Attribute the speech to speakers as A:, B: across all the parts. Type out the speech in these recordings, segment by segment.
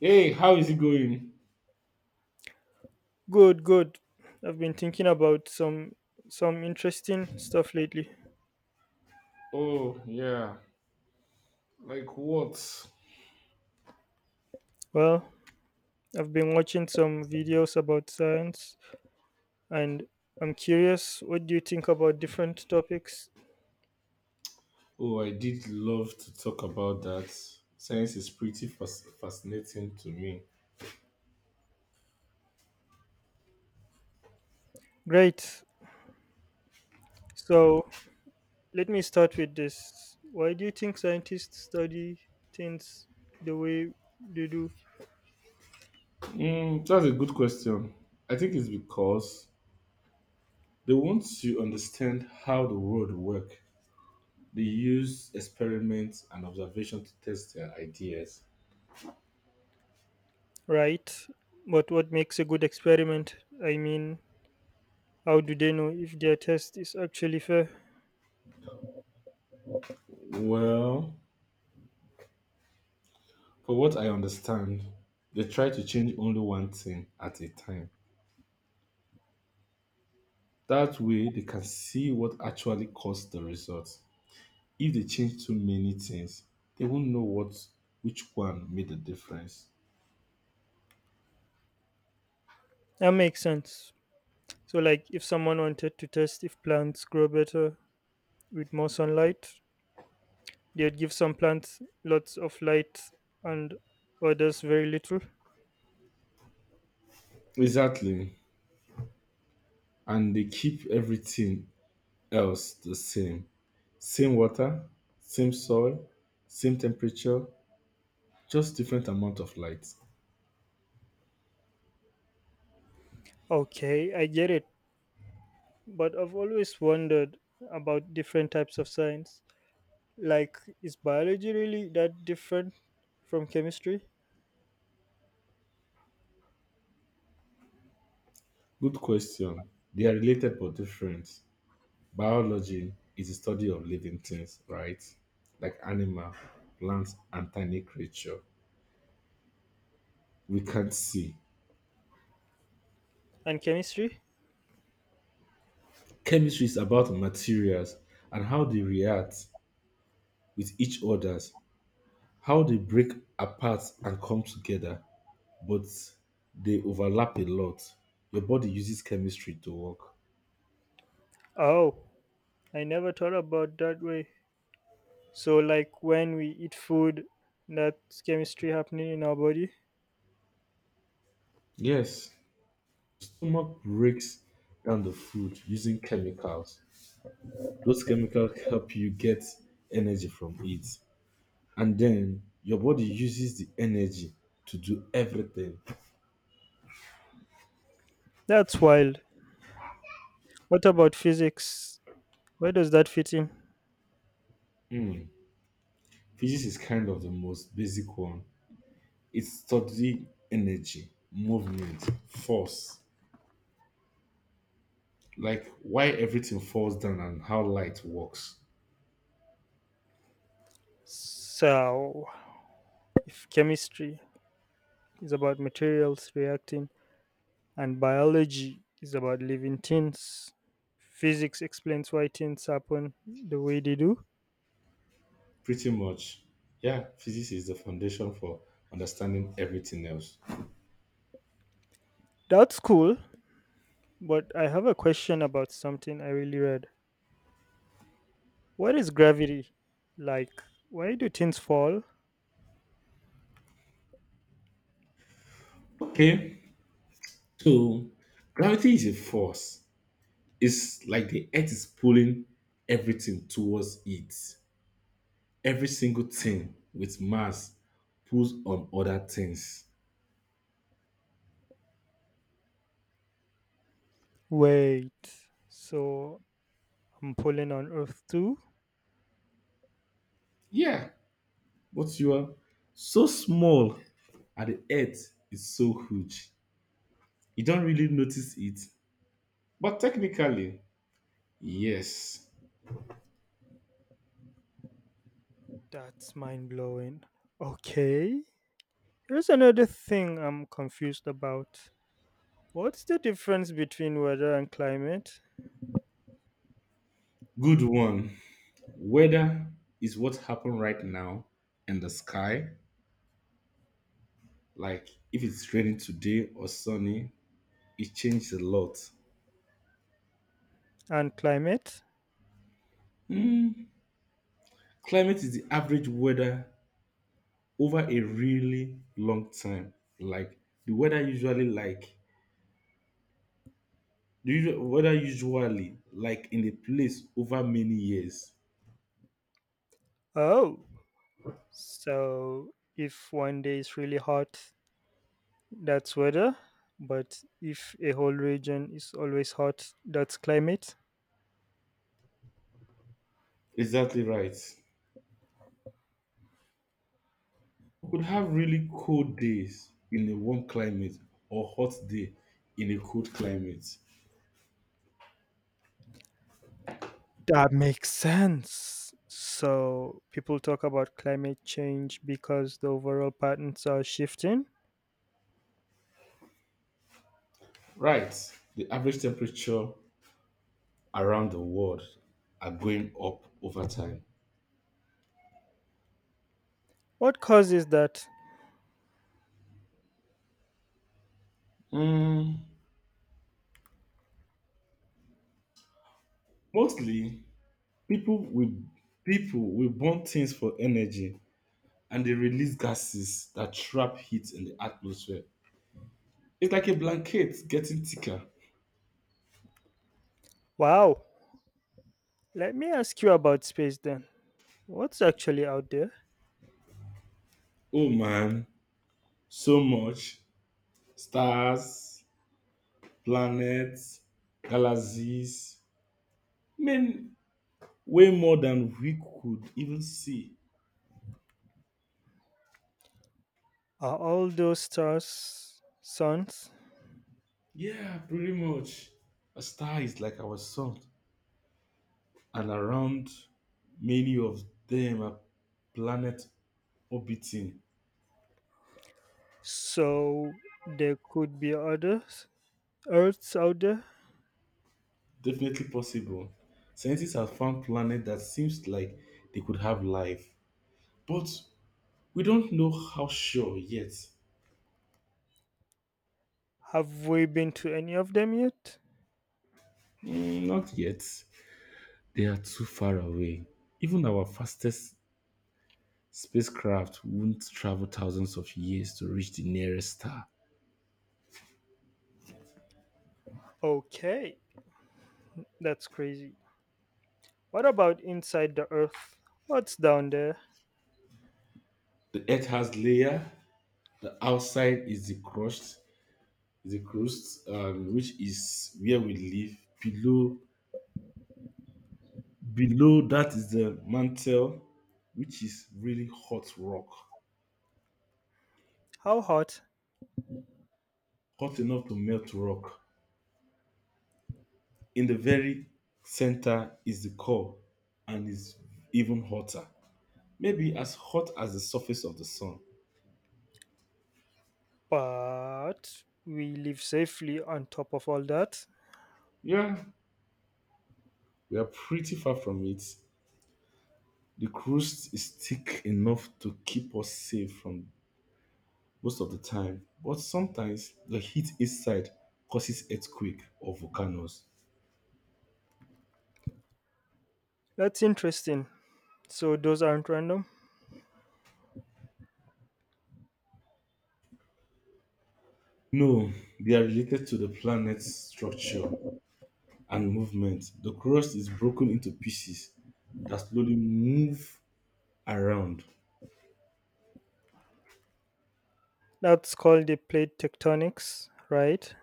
A: Hey, how is it going?
B: Good, good. I've been thinking about some interesting stuff lately.
A: Oh, yeah. Like what?
B: Well, I've been watching some videos about science and I'm curious, what do you think about different topics?
A: Oh, I did love to talk about that. Science is pretty fascinating to me.
B: Great. So, let me start with this. Why do you think scientists study things the way they do?
A: Mm, that's a good question. I think it's because they want to understand how the world works. They use experiments and observation to test their ideas.
B: Right. But what makes a good experiment? I mean, how do they know if their test is actually fair?
A: Well, for what I understand, they try to change only one thing at a time. That way, they can see what actually caused the result. If they change too many things, they won't know what which one made the difference.
B: That makes sense. So, like, if someone wanted to test if plants grow better with more sunlight, they'd give some plants lots of light and others very little.
A: Exactly. And they keep everything else the same. Same water, same soil, same temperature, just different amount of light.
B: Okay, I get it. But I've always wondered about different types of science. Like, is biology really that different from chemistry?
A: Good question. They are related but different. Biology is the study of living things, right? Like animal, plants, and tiny creature we can't see.
B: And chemistry?
A: Chemistry is about materials and how they react with each others, how they break apart and come together, but they overlap a lot. Your body uses chemistry to work.
B: Oh, I never thought about that way. So, like, when we eat food, that's chemistry happening in our body?
A: Yes, stomach breaks down the food using chemicals. Those chemicals help you get energy from it. And then your body uses the energy to do everything.
B: That's wild. What about physics? Where does that fit in?
A: Mm. Physics is kind of the most basic one. It studies energy, movement, force, like why everything falls down and how light works.
B: So, if chemistry is about materials reacting and biology is about living things, physics explains why things happen the way they do.
A: Pretty much, yeah, physics is the foundation for understanding everything else.
B: That's cool, but I have a question about something I really read. What is gravity? Like, why do things fall?
A: Okay, so gravity is a force. It's like the earth is pulling everything towards it. Every single thing with mass pulls on other things.
B: Wait, so I'm pulling on Earth too?
A: Yeah, but you are so small and the earth is so huge. You don't really notice it. But technically, yes.
B: That's mind blowing. Okay. Here's another thing I'm confused about. What's the difference between weather and climate?
A: Good one. Weather is what happened right now in the sky. Like if it's raining today or sunny, it changes a lot.
B: And climate?
A: Hmm, climate is the average weather over a really long time. Like the weather usually like the usual, weather usually like in a place over many years.
B: Oh, so if one day is really hot, that's weather. But if a whole region is always hot, that's climate.
A: Exactly right. We could have really cold days in a warm climate or hot day in a cold climate.
B: That makes sense. So people talk about climate change because the overall patterns are shifting.
A: Right. The average temperature around the world are going up over time.
B: What causes that?
A: Mm, mostly, people will people will burn things for energy, and they release gases that trap heat in the atmosphere. It's like a blanket getting thicker.
B: Wow. Let me ask you about space then. What's actually out there?
A: Oh man, so much stars, planets, galaxies, mean way more than we could even see.
B: Are all those stars suns?
A: Yeah, pretty much. A star is like our sun, and around many of them are planet orbiting.
B: So there could be others? Earths out there?
A: Definitely possible. Scientists have found planets that seems like they could have life, but we don't know how sure yet.
B: Have we been to any of them yet?
A: Mm, not yet. They are too far away. Even our fastest spacecraft won't travel thousands of years to reach the nearest star.
B: Okay, that's crazy. What about inside the Earth? What's down there?
A: The Earth has layer. The outside is the crust is a crust, which is where we live. Below, below that is the mantle, which is really hot rock,
B: How hot?
A: hot enough to melt rock. In the very center is the core, and is even hotter, maybe as hot as the surface of the sun.
B: But we live safely on top of all that.
A: Yeah, we are pretty far from it. The crust is thick enough to keep us safe from most of the time, but sometimes the heat inside causes earthquake or volcanoes.
B: That's interesting. So those aren't random.
A: No, they are related to the planet's structure and movement. The crust is broken into pieces that slowly move around.
B: That's called the plate tectonics, right?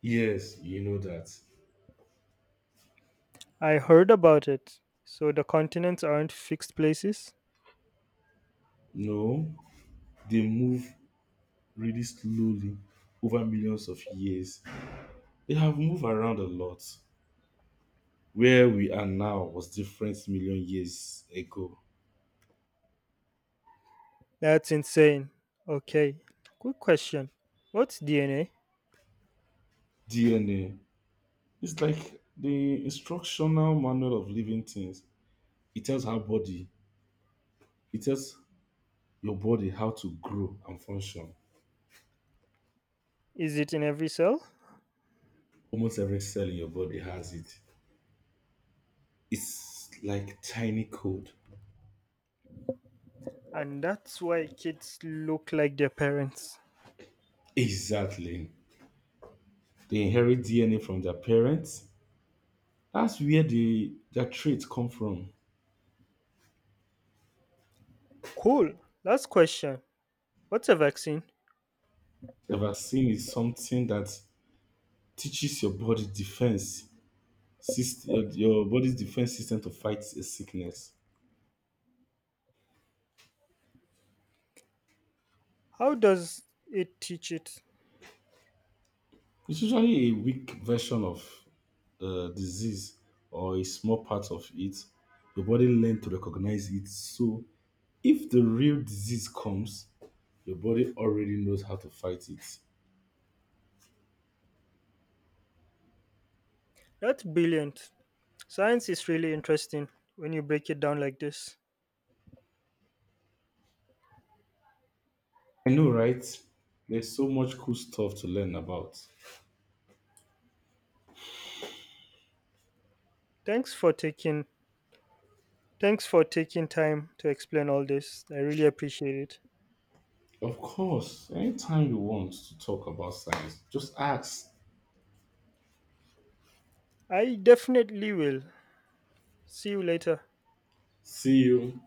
A: Yes, you know that.
B: I heard about it. So the continents aren't fixed places?
A: No, they move really slowly over millions of years. They have moved around a lot. Where we are now was different million years ago.
B: That's insane. Okay. Quick question. What's DNA?
A: DNA. It's like the instructional manual of living things. It tells it tells your body how to grow and function.
B: Is it in every cell?
A: Almost every cell in your body has it. It's like tiny code.
B: And that's why kids look like their parents.
A: Exactly. They inherit DNA from their parents. That's where their traits come from.
B: Cool. Last question. What's a vaccine?
A: The vaccine is something that teaches your body's defense system to fight a sickness.
B: How does it teach it?
A: It's usually a weak version of the disease or a small part of it. Your body learns to recognize it. So if the real disease comes, your body already knows how to fight it.
B: That's brilliant. Science is really interesting when you break it down like this.
A: I know, right? There's so much cool stuff to learn about.
B: Thanks for taking thanks for taking time to explain all this. I really appreciate it.
A: Of course, anytime you want to talk about science, just ask.
B: I definitely will. See you later.
A: See you.